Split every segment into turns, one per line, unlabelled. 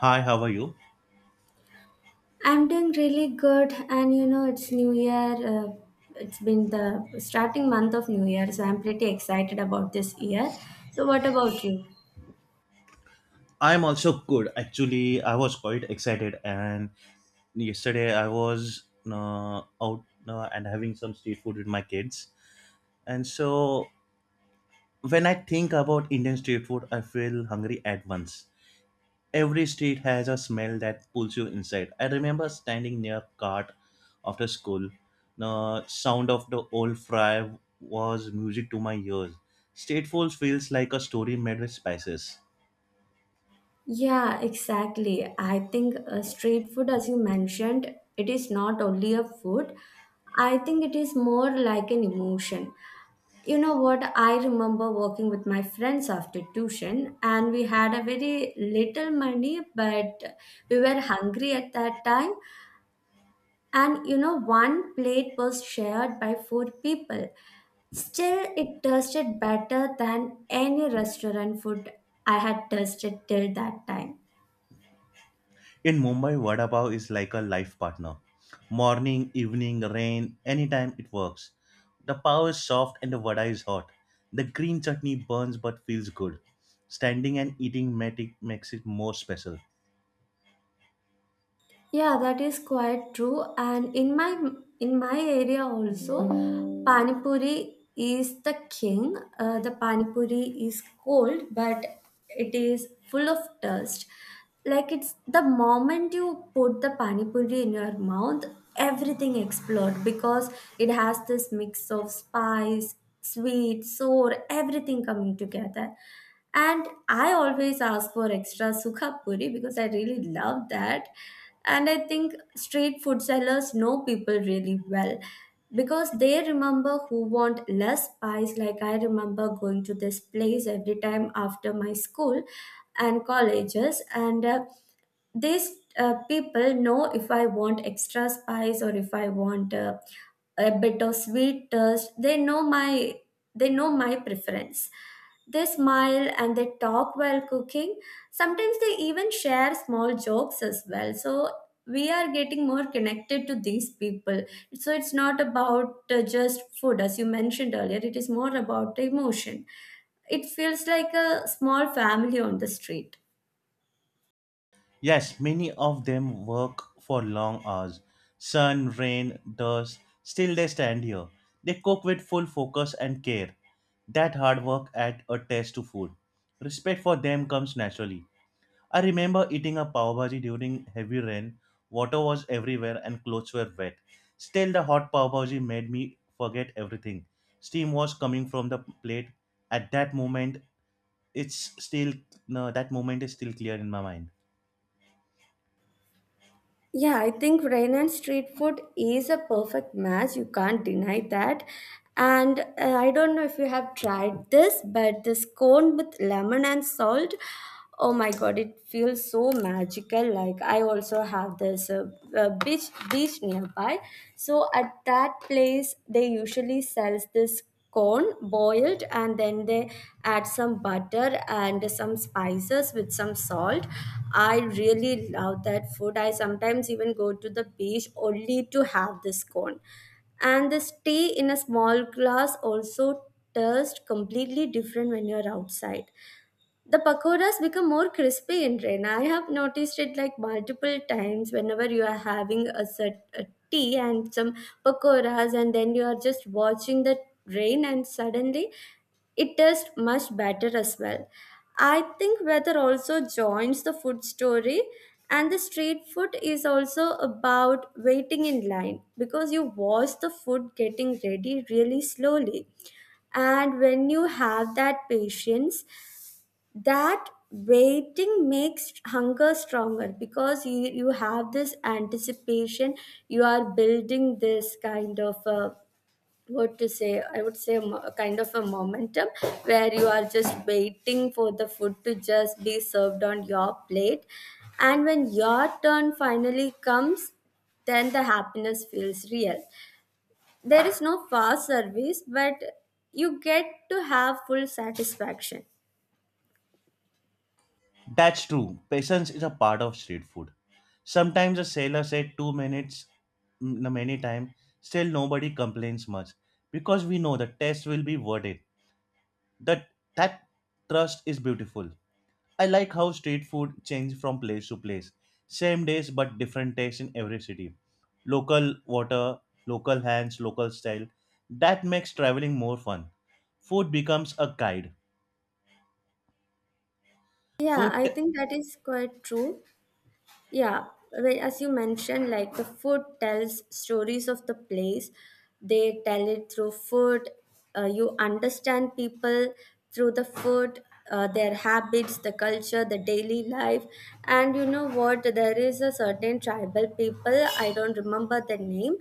Hi, how are you?
I'm doing really good, and you know, it's New Year. It's been the starting month of New Year, so I'm pretty excited about this year. So, what about you?
I'm also good. Actually, I was quite excited, and yesterday I was out and having some street food with my kids. And so, when I think about Indian street food, I feel hungry at once. Every street has a smell that pulls you inside. I remember standing near cart after school. The sound of the old fry was music to my ears. Street food feels like a story made with spices.
Yeah, exactly. I think street food, as you mentioned, it is not only a food, I think it is more like an emotion. You know what? I remember working with my friends after tuition, and we had a very little money, but we were hungry at that time. And you know, one plate was shared by four people, still it tasted better than any restaurant food I had tasted till that time.
In Mumbai, vada pav is like a life partner. Morning, evening, rain, anytime it works. The pav is soft and the vada is hot. The green chutney burns but feels good. Standing and eating makes it more special.
Yeah, that is quite true. And in my area also, pani puri is the king. The pani puri is cold, but it is full of dust. Like, it's the moment you put the pani puri in your mouth, everything explodes because it has this mix of spice, sweet, sour, everything coming together. And I always ask for extra sukha puri because I really love that. And I think street food sellers know people really well because they remember who want less spice. Like, I remember going to this place every time after my school and colleges and these people know if I want extra spice or if I want a bit of sweet taste. They know my preference. They smile and they talk while cooking. Sometimes they even share small jokes as well. So we are getting more connected to these people. So it's not about just food, as you mentioned earlier. It is more about the emotion. It feels like a small family on the street.
Yes, many of them work for long hours. Sun, rain, dust, still they stand here. They cook with full focus and care. That hard work adds a taste to food. Respect for them comes naturally. I remember eating a pav bhaji during heavy rain. Water was everywhere and clothes were wet. Still, the hot pav bhaji made me forget everything. Steam was coming from the plate. At that moment, it's still no. That moment is still clear in my mind.
Yeah, I think rain and street food is a perfect match. You can't deny that. And I don't know if you have tried this, but this cone with lemon and salt, oh my god, it feels so magical. Like, I also have this beach nearby. So at that place, they usually sells this corn boiled, and then they add some butter and some spices with some salt. I really love that food. I sometimes even go to the beach only to have this corn, and this tea in a small glass also tastes completely different when you're outside. The pakoras become more crispy in rain. I have noticed it like multiple times. Whenever you are having a set a tea and some pakoras, and then you are just watching the rain, and suddenly it tastes much better as well. I think weather also joins the food story, and the street food is also about waiting in line because you watch the food getting ready really slowly. And when you have that patience, that waiting makes hunger stronger because you have this anticipation. You are building this kind of a, what to say, I would say a, a kind of a momentum where you are just waiting for the food to just be served on your plate. And when your turn finally comes, then the happiness feels real. There is no fast service, but you get to have full satisfaction.
That's true. Patience is a part of street food. Sometimes a sailor said 2 minutes many times. Still, nobody complains much because we know the test will be worth it. That that trust is beautiful. I like how street food changes from place to place. Same days but different taste in every city. Local water, local hands, local style. That makes traveling more fun. Food becomes a guide.
Yeah,
Food
I think that is quite true. Yeah, well, as you mentioned, like, the food tells stories of the place. They tell it through food. You understand people through the food, their habits, the culture, the daily life. And you know what? There is a certain tribal people, I don't remember the name,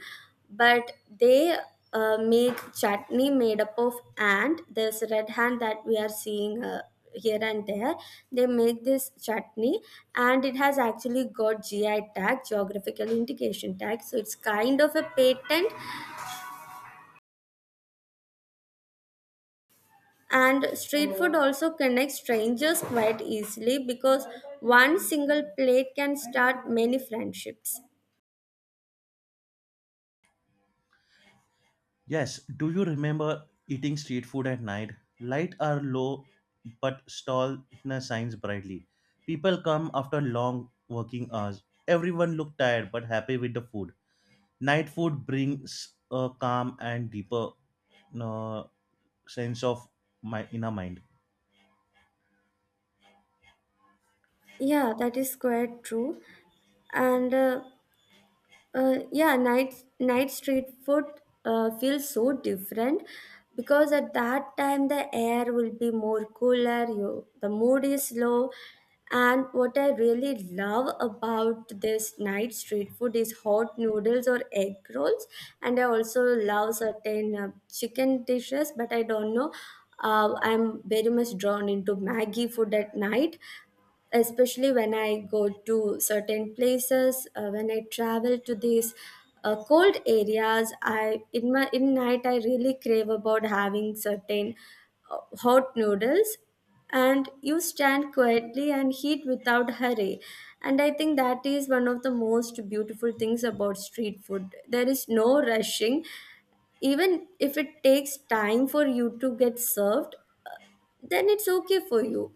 but they make chutney made up of ant. This red hand that we are seeing. Here and there they make this chutney, and it has actually got GI tag, geographical indication tag, so it's kind of a patent. And street food also connects strangers quite easily because one single plate can start many friendships.
Yes, do you remember eating street food at night? Light are low but stall shines brightly. People come after long working hours. Everyone look tired but happy with the food. Night food brings a calm and deeper uh, sense of my inner mind.
Yeah, that is quite true. And yeah, night street food feels so different because at that time the air will be more cooler. You, the mood is low, and what I really love about this night street food is hot noodles or egg rolls, and I also love certain chicken dishes, but I don't know. I'm very much drawn into Maggie food at night, especially when I go to certain places, when I travel to these cold areas, I in my in night I really crave about having certain hot noodles, and you stand quietly and heat without hurry. And I think that is one of the most beautiful things about street food. There is no rushing. Even if it takes time for you to get served, then it's okay for you.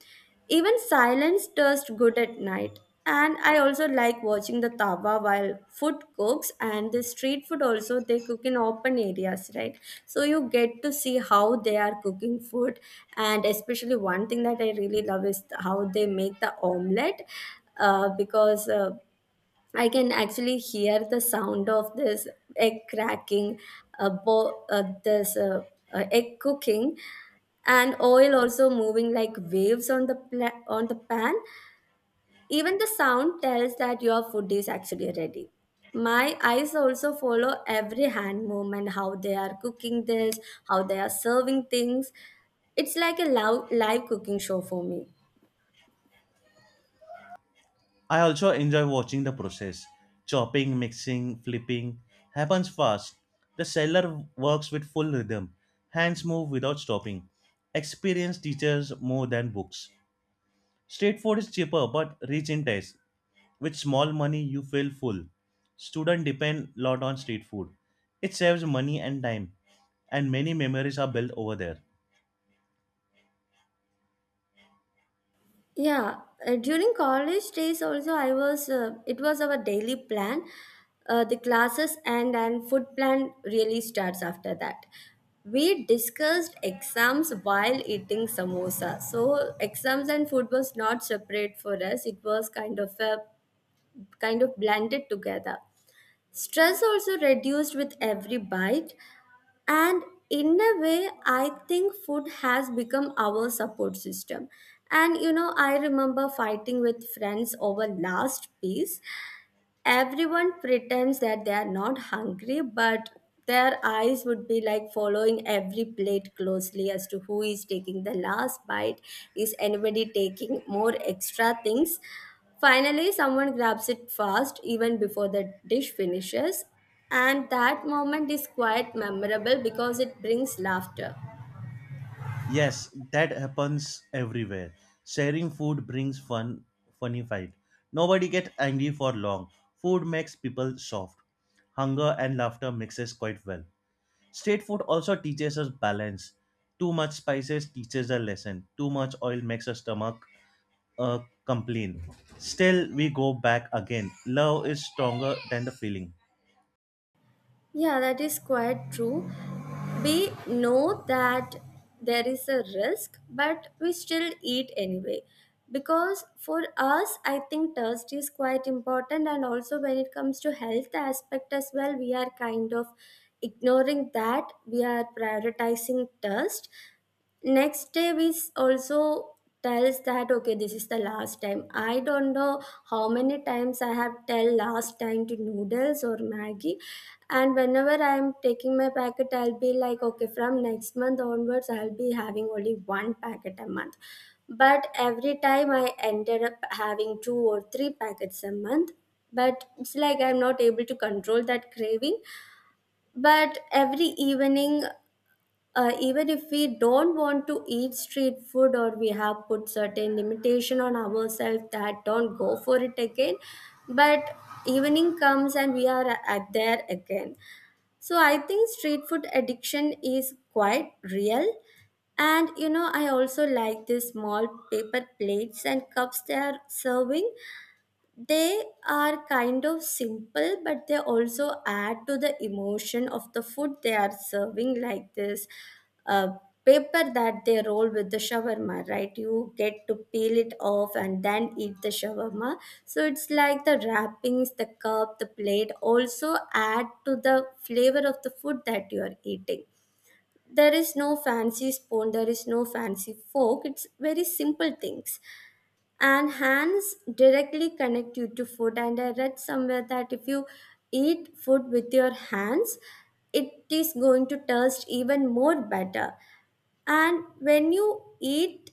Even silence tastes good at night. And I also like watching the tawa while food cooks, and the street food also they cook in open areas, right? So you get to see how they are cooking food, and especially one thing that I really love is how they make the omelette, because I can actually hear the sound of this egg cracking, bo- this egg cooking, and oil also moving like waves on on the pan. Even the sound tells that your food is actually ready. My eyes also follow every hand movement, how they are cooking this, how they are serving things. It's like a live cooking show for me.
I also enjoy watching the process. Chopping, mixing, flipping happens fast. The seller works with full rhythm. Hands move without stopping. Experience teaches more than books. Street food is cheaper but rich in taste. With small money, you feel full. Students depend lot on street food. It saves money and time, and many memories are built over there.
Yeah, during college days also I was it was our daily plan. The classes and food plan really starts after that. We discussed exams while eating samosa. So exams and food was not separate for us. It was kind of blended together. Stress also reduced with every bite. And in a way, I think food has become our support system. And you know, I remember fighting with friends over last piece. Everyone pretends that they are not hungry, but their eyes would be like following every plate closely as to who is taking the last bite, is anybody taking more extra things. Finally someone grabs it fast even before the dish finishes, and that moment is quite memorable because it brings laughter.
Yes, that happens everywhere. Sharing food brings fun, funny fight. Nobody gets angry for long. Food makes people soft. Hunger and laughter mixes quite well. Street food also teaches us balance. Too much spices teaches a lesson. Too much oil makes a stomach complain. Still, we go back again. Love is stronger than the feeling.
Yeah, that is quite true. We know that there is a risk, but we still eat anyway. Because for us, I think taste is quite important, and also when it comes to health aspect as well, we are kind of ignoring that. We are prioritizing taste, next day we also tells that okay, this is the last time. I don't know how many times I have tell last time to noodles or Maggie. And whenever I'm taking my packet, I'll be like okay, from next month onwards I'll be having only one packet a month, but every time I ended up having two or three packets a month. But it's like I'm not able to control that craving. But every evening, even if we don't want to eat street food or we have put certain limitation on ourselves that don't go for it again, but evening comes and we are at there again. So I think street food addiction is quite real. And you know, I also like these small paper plates and cups they are serving. They are kind of simple, but they also add to the emotion of the food they are serving, like this uh, paper that they roll with the shawarma, right? You get to peel it off and then eat the shawarma. So it's like the wrappings, the cup, the plate also add to the flavor of the food that you are eating. There is no fancy spoon, there is no fancy fork, it's very simple things. And hands directly connect you to food. And I read somewhere that if you eat food with your hands, it is going to taste even more better. And when you eat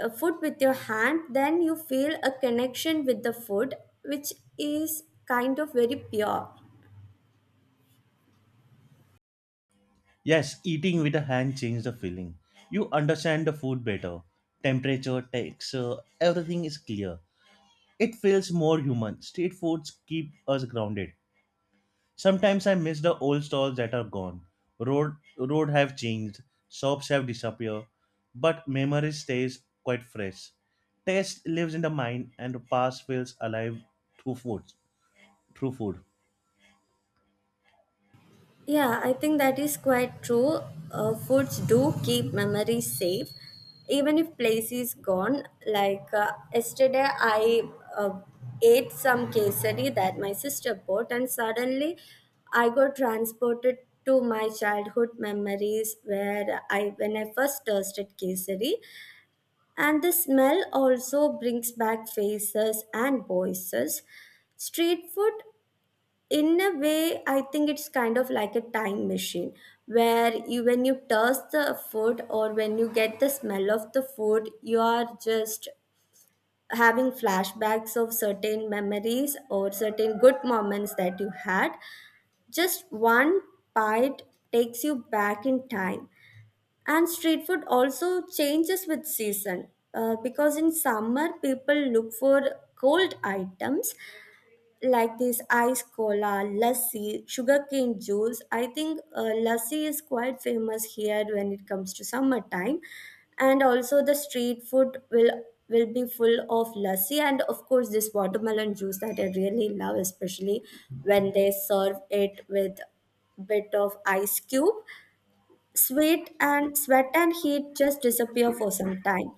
food with your hand, then you feel a connection with the food, which is kind of very pure.
Yes, eating with a hand changes the feeling. You understand the food better. Temperature, texture, everything is clear. It feels more human. Street foods keep us grounded. Sometimes I miss the old stalls that are gone. Road have changed, shops have disappeared, but memory stays quite fresh. Taste lives in the mind and the past feels alive through food. Through food.
Yeah, I think that is quite true. Foods do keep memories safe, even if place is gone. Like, yesterday, I uh, ate some kesari that my sister bought, and suddenly I got transported to my childhood memories where I first tasted kesari, and the smell also brings back faces and voices. Street food, in a way, I think it's kind of like a time machine, where you taste the food or when you get the smell of the food, you are just having flashbacks of certain memories or certain good moments that you had. Just one bite takes you back in time. And street food also changes with season, because in summer people look for cold items like this ice cola, lassi, sugarcane juice. I think lassi is quite famous here when it comes to summertime, and also the street food will be full of lassi, and of course this watermelon juice that I really love, especially when they serve it with bit of ice cube. Sweet and sweat and heat just disappear for some time.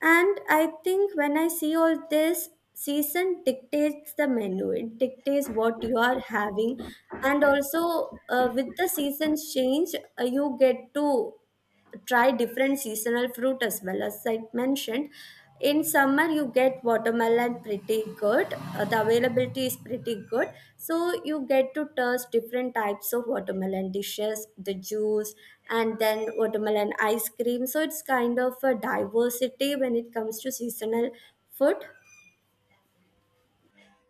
And I think when I see all this, season dictates the menu, it dictates what you are having. And also, with the seasons change, you get to try different seasonal fruit. As well as I mentioned, in summer you get watermelon pretty good, the availability is pretty good, so you get to taste different types of watermelon dishes, the juice, and then watermelon ice cream. So it's kind of a diversity when it comes to seasonal food.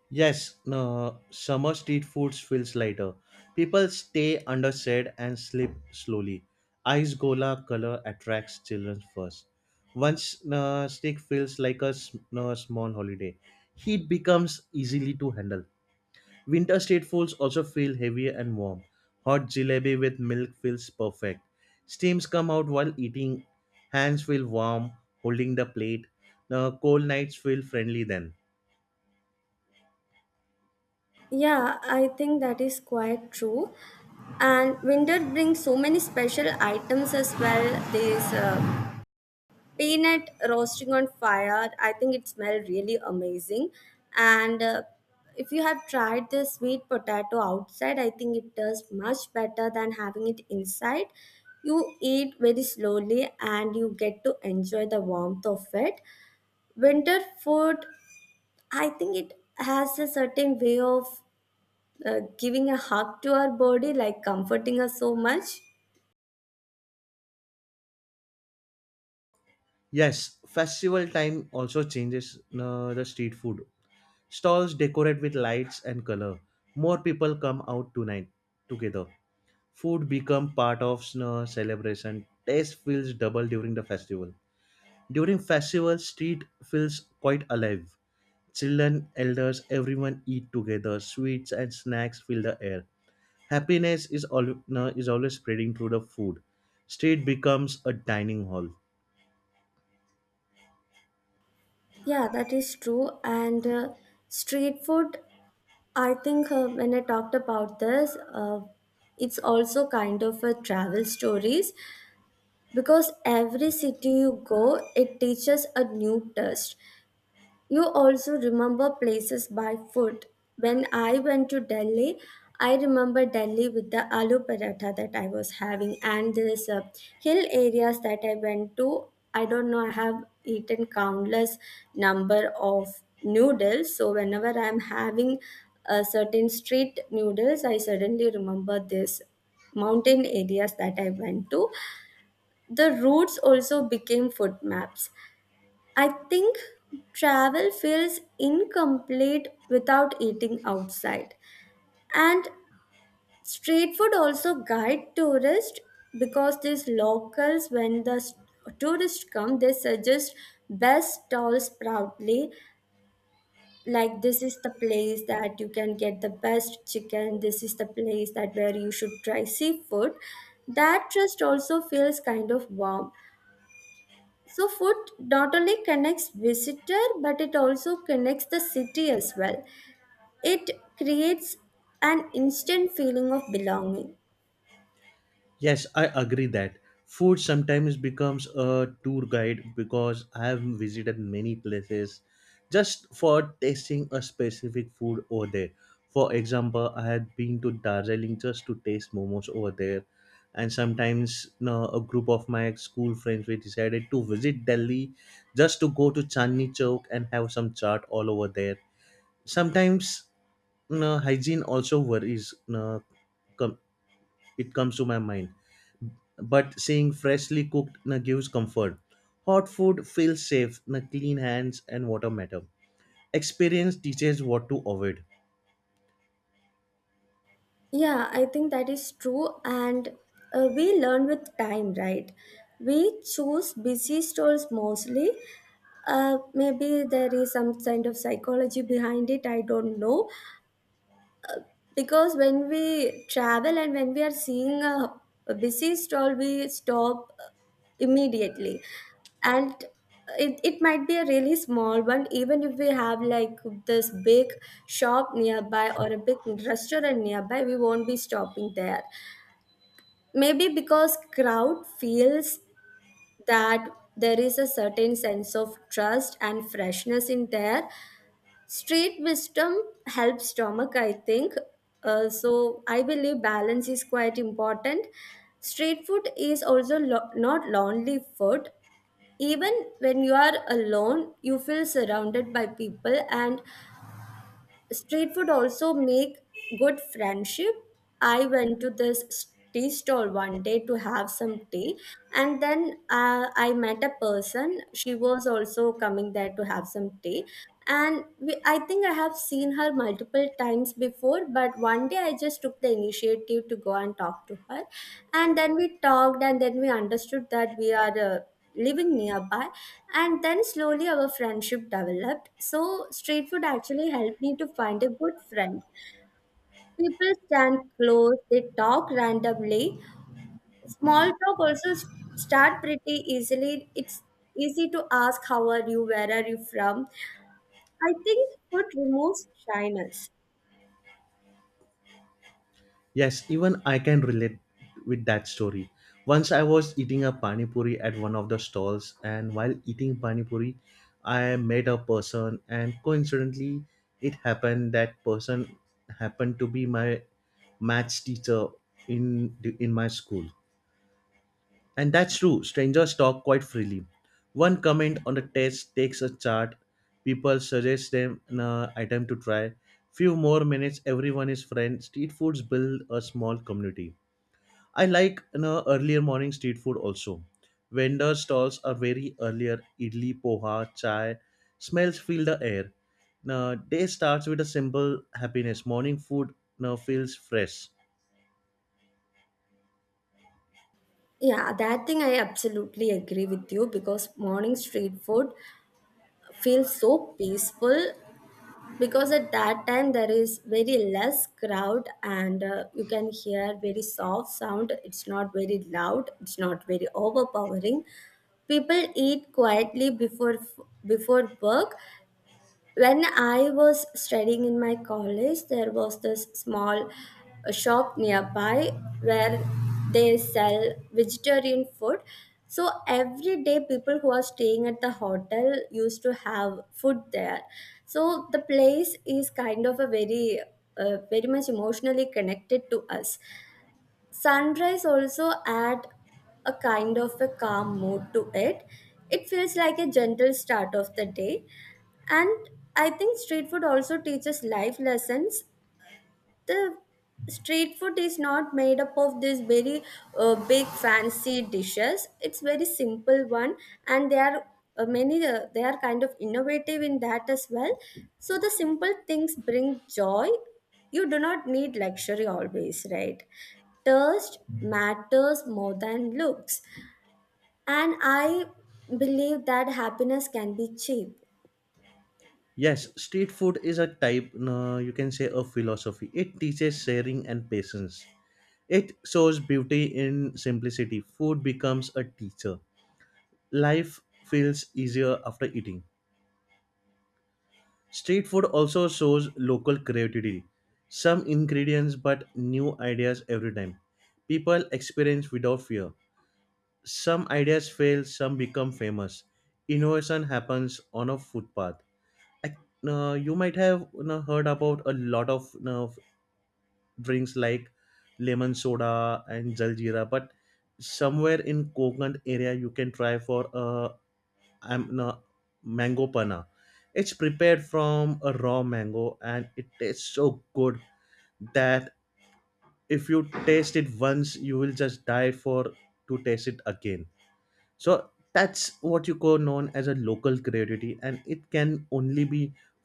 Yes, no, summer street foods feels lighter. People stay under shade and sleep slowly. Ice gola color attracts children first. Once stick feels like a s- no, small holiday. Heat becomes easily to handle. Winter street foods also feel heavy and warm. Hot jalebi with milk feels perfect. Steams come out while eating. Hands feel warm holding the plate. The cold nights feel friendly then.
Yeah, I think that is quite true. And winter brings so many special items as well, these peanut roasting on fire. I think it smells really amazing. And if you have tried the sweet potato outside, I think it does much better than having it inside. You eat very slowly and you get to enjoy the warmth of it. Winter food, I think it has a certain way of giving a hug to our body, like comforting us so much.
Yes, festival time also changes the street food. Stalls decorate with lights and color. More people come out tonight together. Food become part of celebration. Taste feels double during the festival. During festival, street feels quite alive. Children, elders, everyone eat together. Sweets and snacks fill the air. Happiness is is always spreading through the food. Street becomes a dining hall.
Yeah, that is true. And street food, I think when I talked about this, it's also kind of a travel stories, because every city you go, it teaches a new test. You also remember places by food. When I went to Delhi, I remember Delhi with the aloo paratha that I was having, and this hill areas that I went to. I don't know. I have eaten countless number of noodles. So whenever I'm having a certain street noodles, I suddenly remember this mountain areas that I went to. The routes also became food maps. I think travel feels incomplete without eating outside. And street food also guide tourists, because these locals, when the tourists come, they suggest best stalls proudly. Like, this is the place that you can get the best chicken. This is the place that where you should try seafood. That trust also feels kind of warm. So food not only connects visitor but it also connects the city as well. It creates an instant feeling of belonging.
Yes, I agree that food sometimes becomes a tour guide because I have visited many places just for tasting a specific food over there. For example, I had been to Darjeeling just to taste momos over there, and sometimes you know, a group of my school friends we decided to visit Delhi just to go to Chandni Chowk and have some chaat all over there. Sometimes you know, hygiene also worries. You know, come, it comes to my mind but seeing freshly cooked na gives comfort. Hot food feels safe, na clean hands and water matter. Experience teaches what to avoid.
Yeah, I think that is true. And we learn with time, right? We choose busy stalls mostly. Maybe there is some kind of psychology behind it, I don't know. Because when we travel and when we are seeing a busy stall, we stop immediately, and it might be a really small one, even if we have like this big shop nearby or a big restaurant nearby, we won't be stopping there, maybe because crowd feels that there is a certain sense of trust and freshness in there. Street wisdom helps stomach, I think. So I believe balance is quite important. Street food is also not lonely food. Even when you are alone, you feel surrounded by people, and street food also make good friendship. I went to this tea stall one day to have some tea, and then I met a person. She was also coming there to have some tea. And I think I have seen her multiple times before, but one day I just took the initiative to go and talk to her. And then we talked, and then we understood that we are living nearby, and then slowly our friendship developed. So street food actually helped me to find a good friend. People stand close, they talk randomly. Small talk also start pretty easily. It's easy to ask how are you, where are you from. I think food removes shyness.
Yes, even I can relate with that story. Once I was eating a pani puri at one of the stalls, and while eating pani puri, I met a person, and coincidentally, it happened that person happened to be my maths teacher in my school. And that's true, strangers talk quite freely. One comment on the test takes a chart, people suggest them an item to try. Few more minutes, everyone is friends. Street foods build a small community. I like you know, earlier morning street food also. Vendor stalls are very earlier, idli, poha, chai. Smells fill the air. Now, day starts with a simple happiness. Morning food now feels fresh.
Yeah, that thing I absolutely agree with you, because morning street food feels so peaceful, because at that time there is very less crowd, and you can hear very soft sound. It's not very loud, it's not very overpowering. People eat quietly before before work. When I was studying in my college, there was this small shop nearby where they sell vegetarian food. So every day, people who are staying at the hotel used to have food there. So the place is kind of a very, very much emotionally connected to us. Sunrise also add a kind of a calm mood to it. It feels like a gentle start of the day. And I think street food also teaches life lessons. The street food is not made up of these very big fancy dishes, it's very simple one. And they are many they are kind of innovative in that as well. So the simple things bring joy. You do not need luxury always, right? Taste matters more than looks, and I believe that happiness can be cheap.
Yes, street food is a type, no, you can say a philosophy. It teaches sharing and patience. It shows beauty in simplicity. Food becomes a teacher. Life feels easier after eating. Street food also shows local creativity. Some ingredients but new ideas every time. People experience without fear. Some ideas fail, some become famous. Innovation happens on a footpath. I you might have you know, heard about a lot of you know, drinks like lemon soda and jaljeera but somewhere in Kokan area you can try for I'm no, mango panna. It's prepared from a raw mango and it tastes so good that if you taste it once you will just die for to taste it again. So that's what you call known as a local creativity and it can only be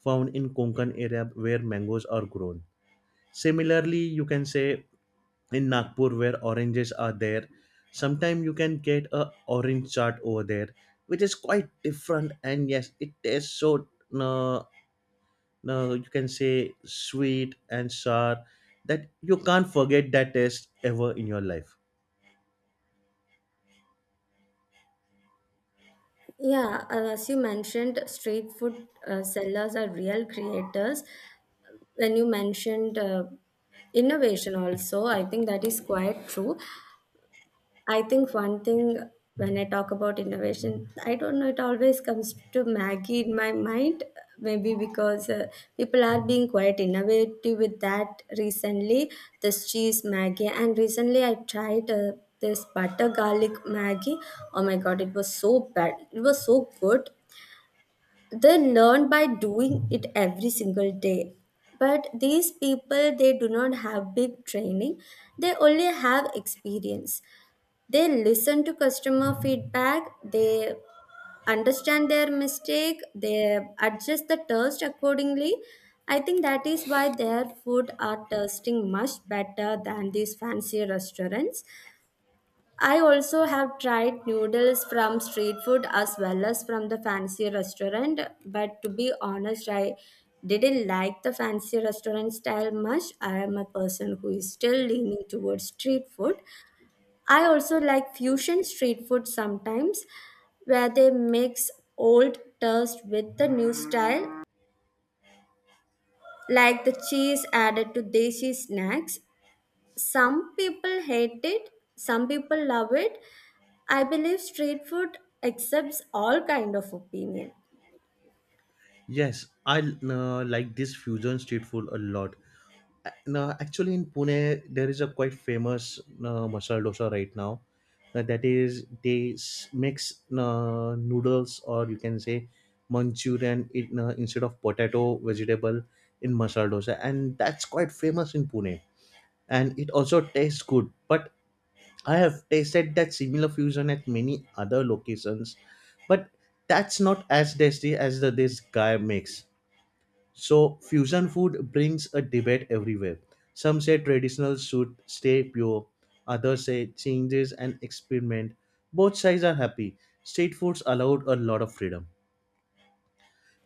found in konkan area where mangoes are grown. Similarly you can say in Nagpur where oranges are there. Sometimes you can get a orange chart over there, which is quite different. And yes, it tastes so uh, you can say sweet and sour that you can't forget that taste ever in your life.
Yeah, as you mentioned, street food sellers are real creators. When you mentioned innovation also, I think that is quite true. I think one thing, when I talk about innovation, I don't know, it always comes to maggie in my mind. Maybe because people are being quite innovative with that recently, this cheese maggie. And recently I tried this butter garlic maggie. Oh my god, it was so bad, it was so good. They learn by doing it every single day. But these people, they do not have big training, they only have experience. They listen to customer feedback, they understand their mistake, they adjust the taste accordingly. I think that is why their food are tasting much better than these fancy restaurants. I also have tried noodles from street food as well as from the fancy restaurant, but to be honest, I didn't like the fancy restaurant style much. I am a person who is still leaning towards street food. I also like fusion street food sometimes, where they mix old taste with the new style, like the cheese added to desi snacks. Some people hate it, some people love it. I believe street food accepts all kind of opinion.
Yes, I like this fusion street food a lot. No, actually, in Pune, there is a quite famous masala dosa right now. That is, they mix noodles or you can say Manchurian in, instead of potato vegetable in masala dosa, and that's quite famous in Pune. And it also tastes good. But I have tasted that similar fusion at many other locations, but that's not as tasty as the this guy makes. So fusion food brings a debate everywhere. Some say traditional should stay pure, others say changes and experiment. Both sides are happy. Street foods allowed a lot of freedom.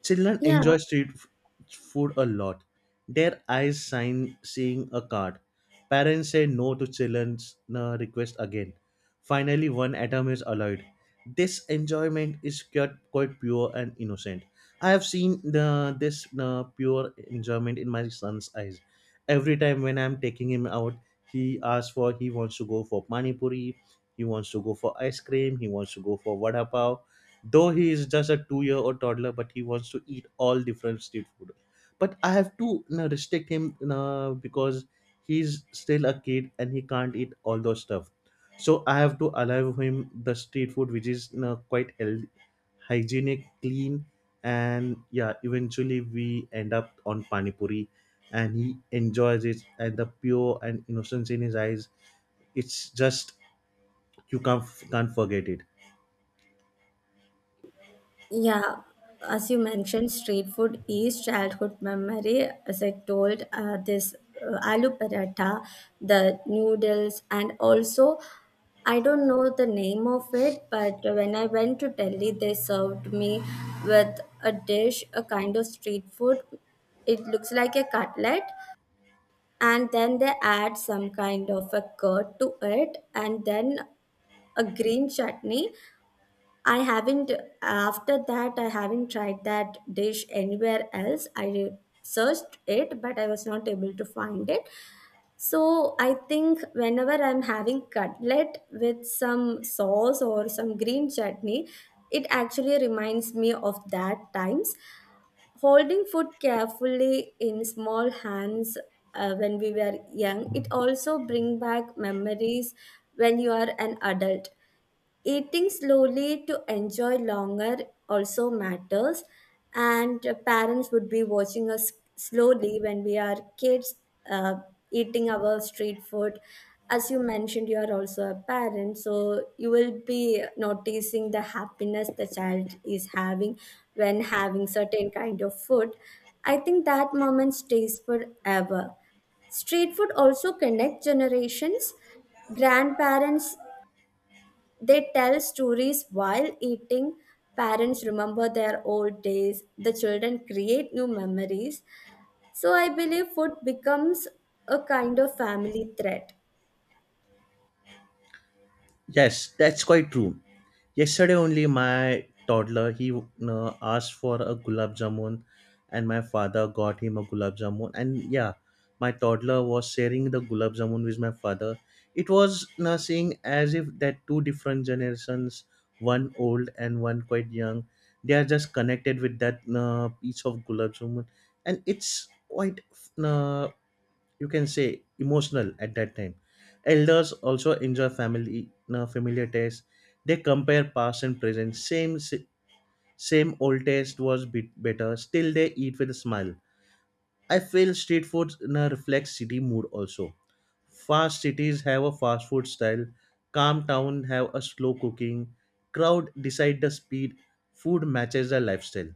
Children
Yeah,
enjoy food a lot. Their eyes sign seeing a cart. Parents say no to children's request again. Finally, one atom is allowed. This enjoyment is quite pure and innocent. I have seen this pure enjoyment in my son's eyes. Every time when I'm taking him out, he wants to go for pani puri, he wants to go for ice cream, he wants to go for vada pav though he is just a 2 year old toddler but he wants to eat all different street food but I have to you know, restrict him you know, because he's still a kid and he can't eat all those stuff so I have to allow him the street food which is you know, quite healthy, hygienic, clean and yeah eventually we end up on pani puri, and he enjoys it and the pure and innocence in his eyes it's just you can't forget it.
yeah. As you mentioned, street food is childhood memory. As I told, this aloo paratha, the noodles, and also I don't know the name of it, but when I went to Delhi, they served me with a dish, a kind of street food. It looks like a cutlet, and then they add some kind of a curd to it, and then a green chutney. I haven't, after that I haven't tried that dish anywhere else. I searched it but I was not able to find it. So I think whenever I'm having cutlet with some sauce or some green chutney, it actually reminds me of that times. Holding food carefully in small hands, when we were young, it also bring back memories when you are an adult. Eating slowly to enjoy longer also matters, and parents would be watching us slowly when we are kids uh, eating our street food. As you mentioned, you are also a parent, so you will be noticing the happiness the child is having when having certain kind of food. I think that moment stays forever. Street food also connect generations. Grandparents, they tell stories while eating. Parents remember their old days. The children create new memories. So I believe food becomes a kind of family thread.
Yes, that's quite true. Yesterday only my toddler he asked for a gulab jamun and my father got him a gulab jamun and yeah my toddler was sharing the gulab jamun with my father. It was nothing as if that two different generations, one old and one quite young, they are just connected with that piece of gulab jamun and it's quite uh, you can say emotional at that time. Elders also enjoy family na familiar taste. They compare past and present same old taste was bit better still they eat with a smile. I feel street food na reflects city mood also. Fast cities have a fast food style. Calm town have a slow cooking. Crowd decide the speed. Food matches the lifestyle.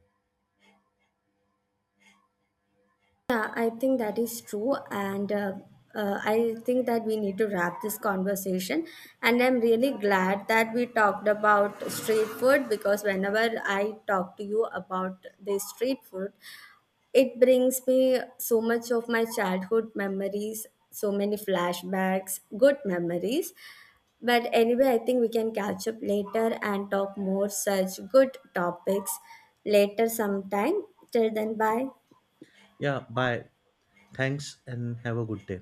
Yeah, I think that is true. And I think that we need to wrap this conversation. And I'm really glad that we talked about street food, because whenever I talk to you about the street food, it brings me so much of my childhood memories, so many flashbacks, good memories. But anyway, I think we can catch up later and talk more such good topics later sometime. Till then, bye.
Yeah, bye. Thanks and have a good day.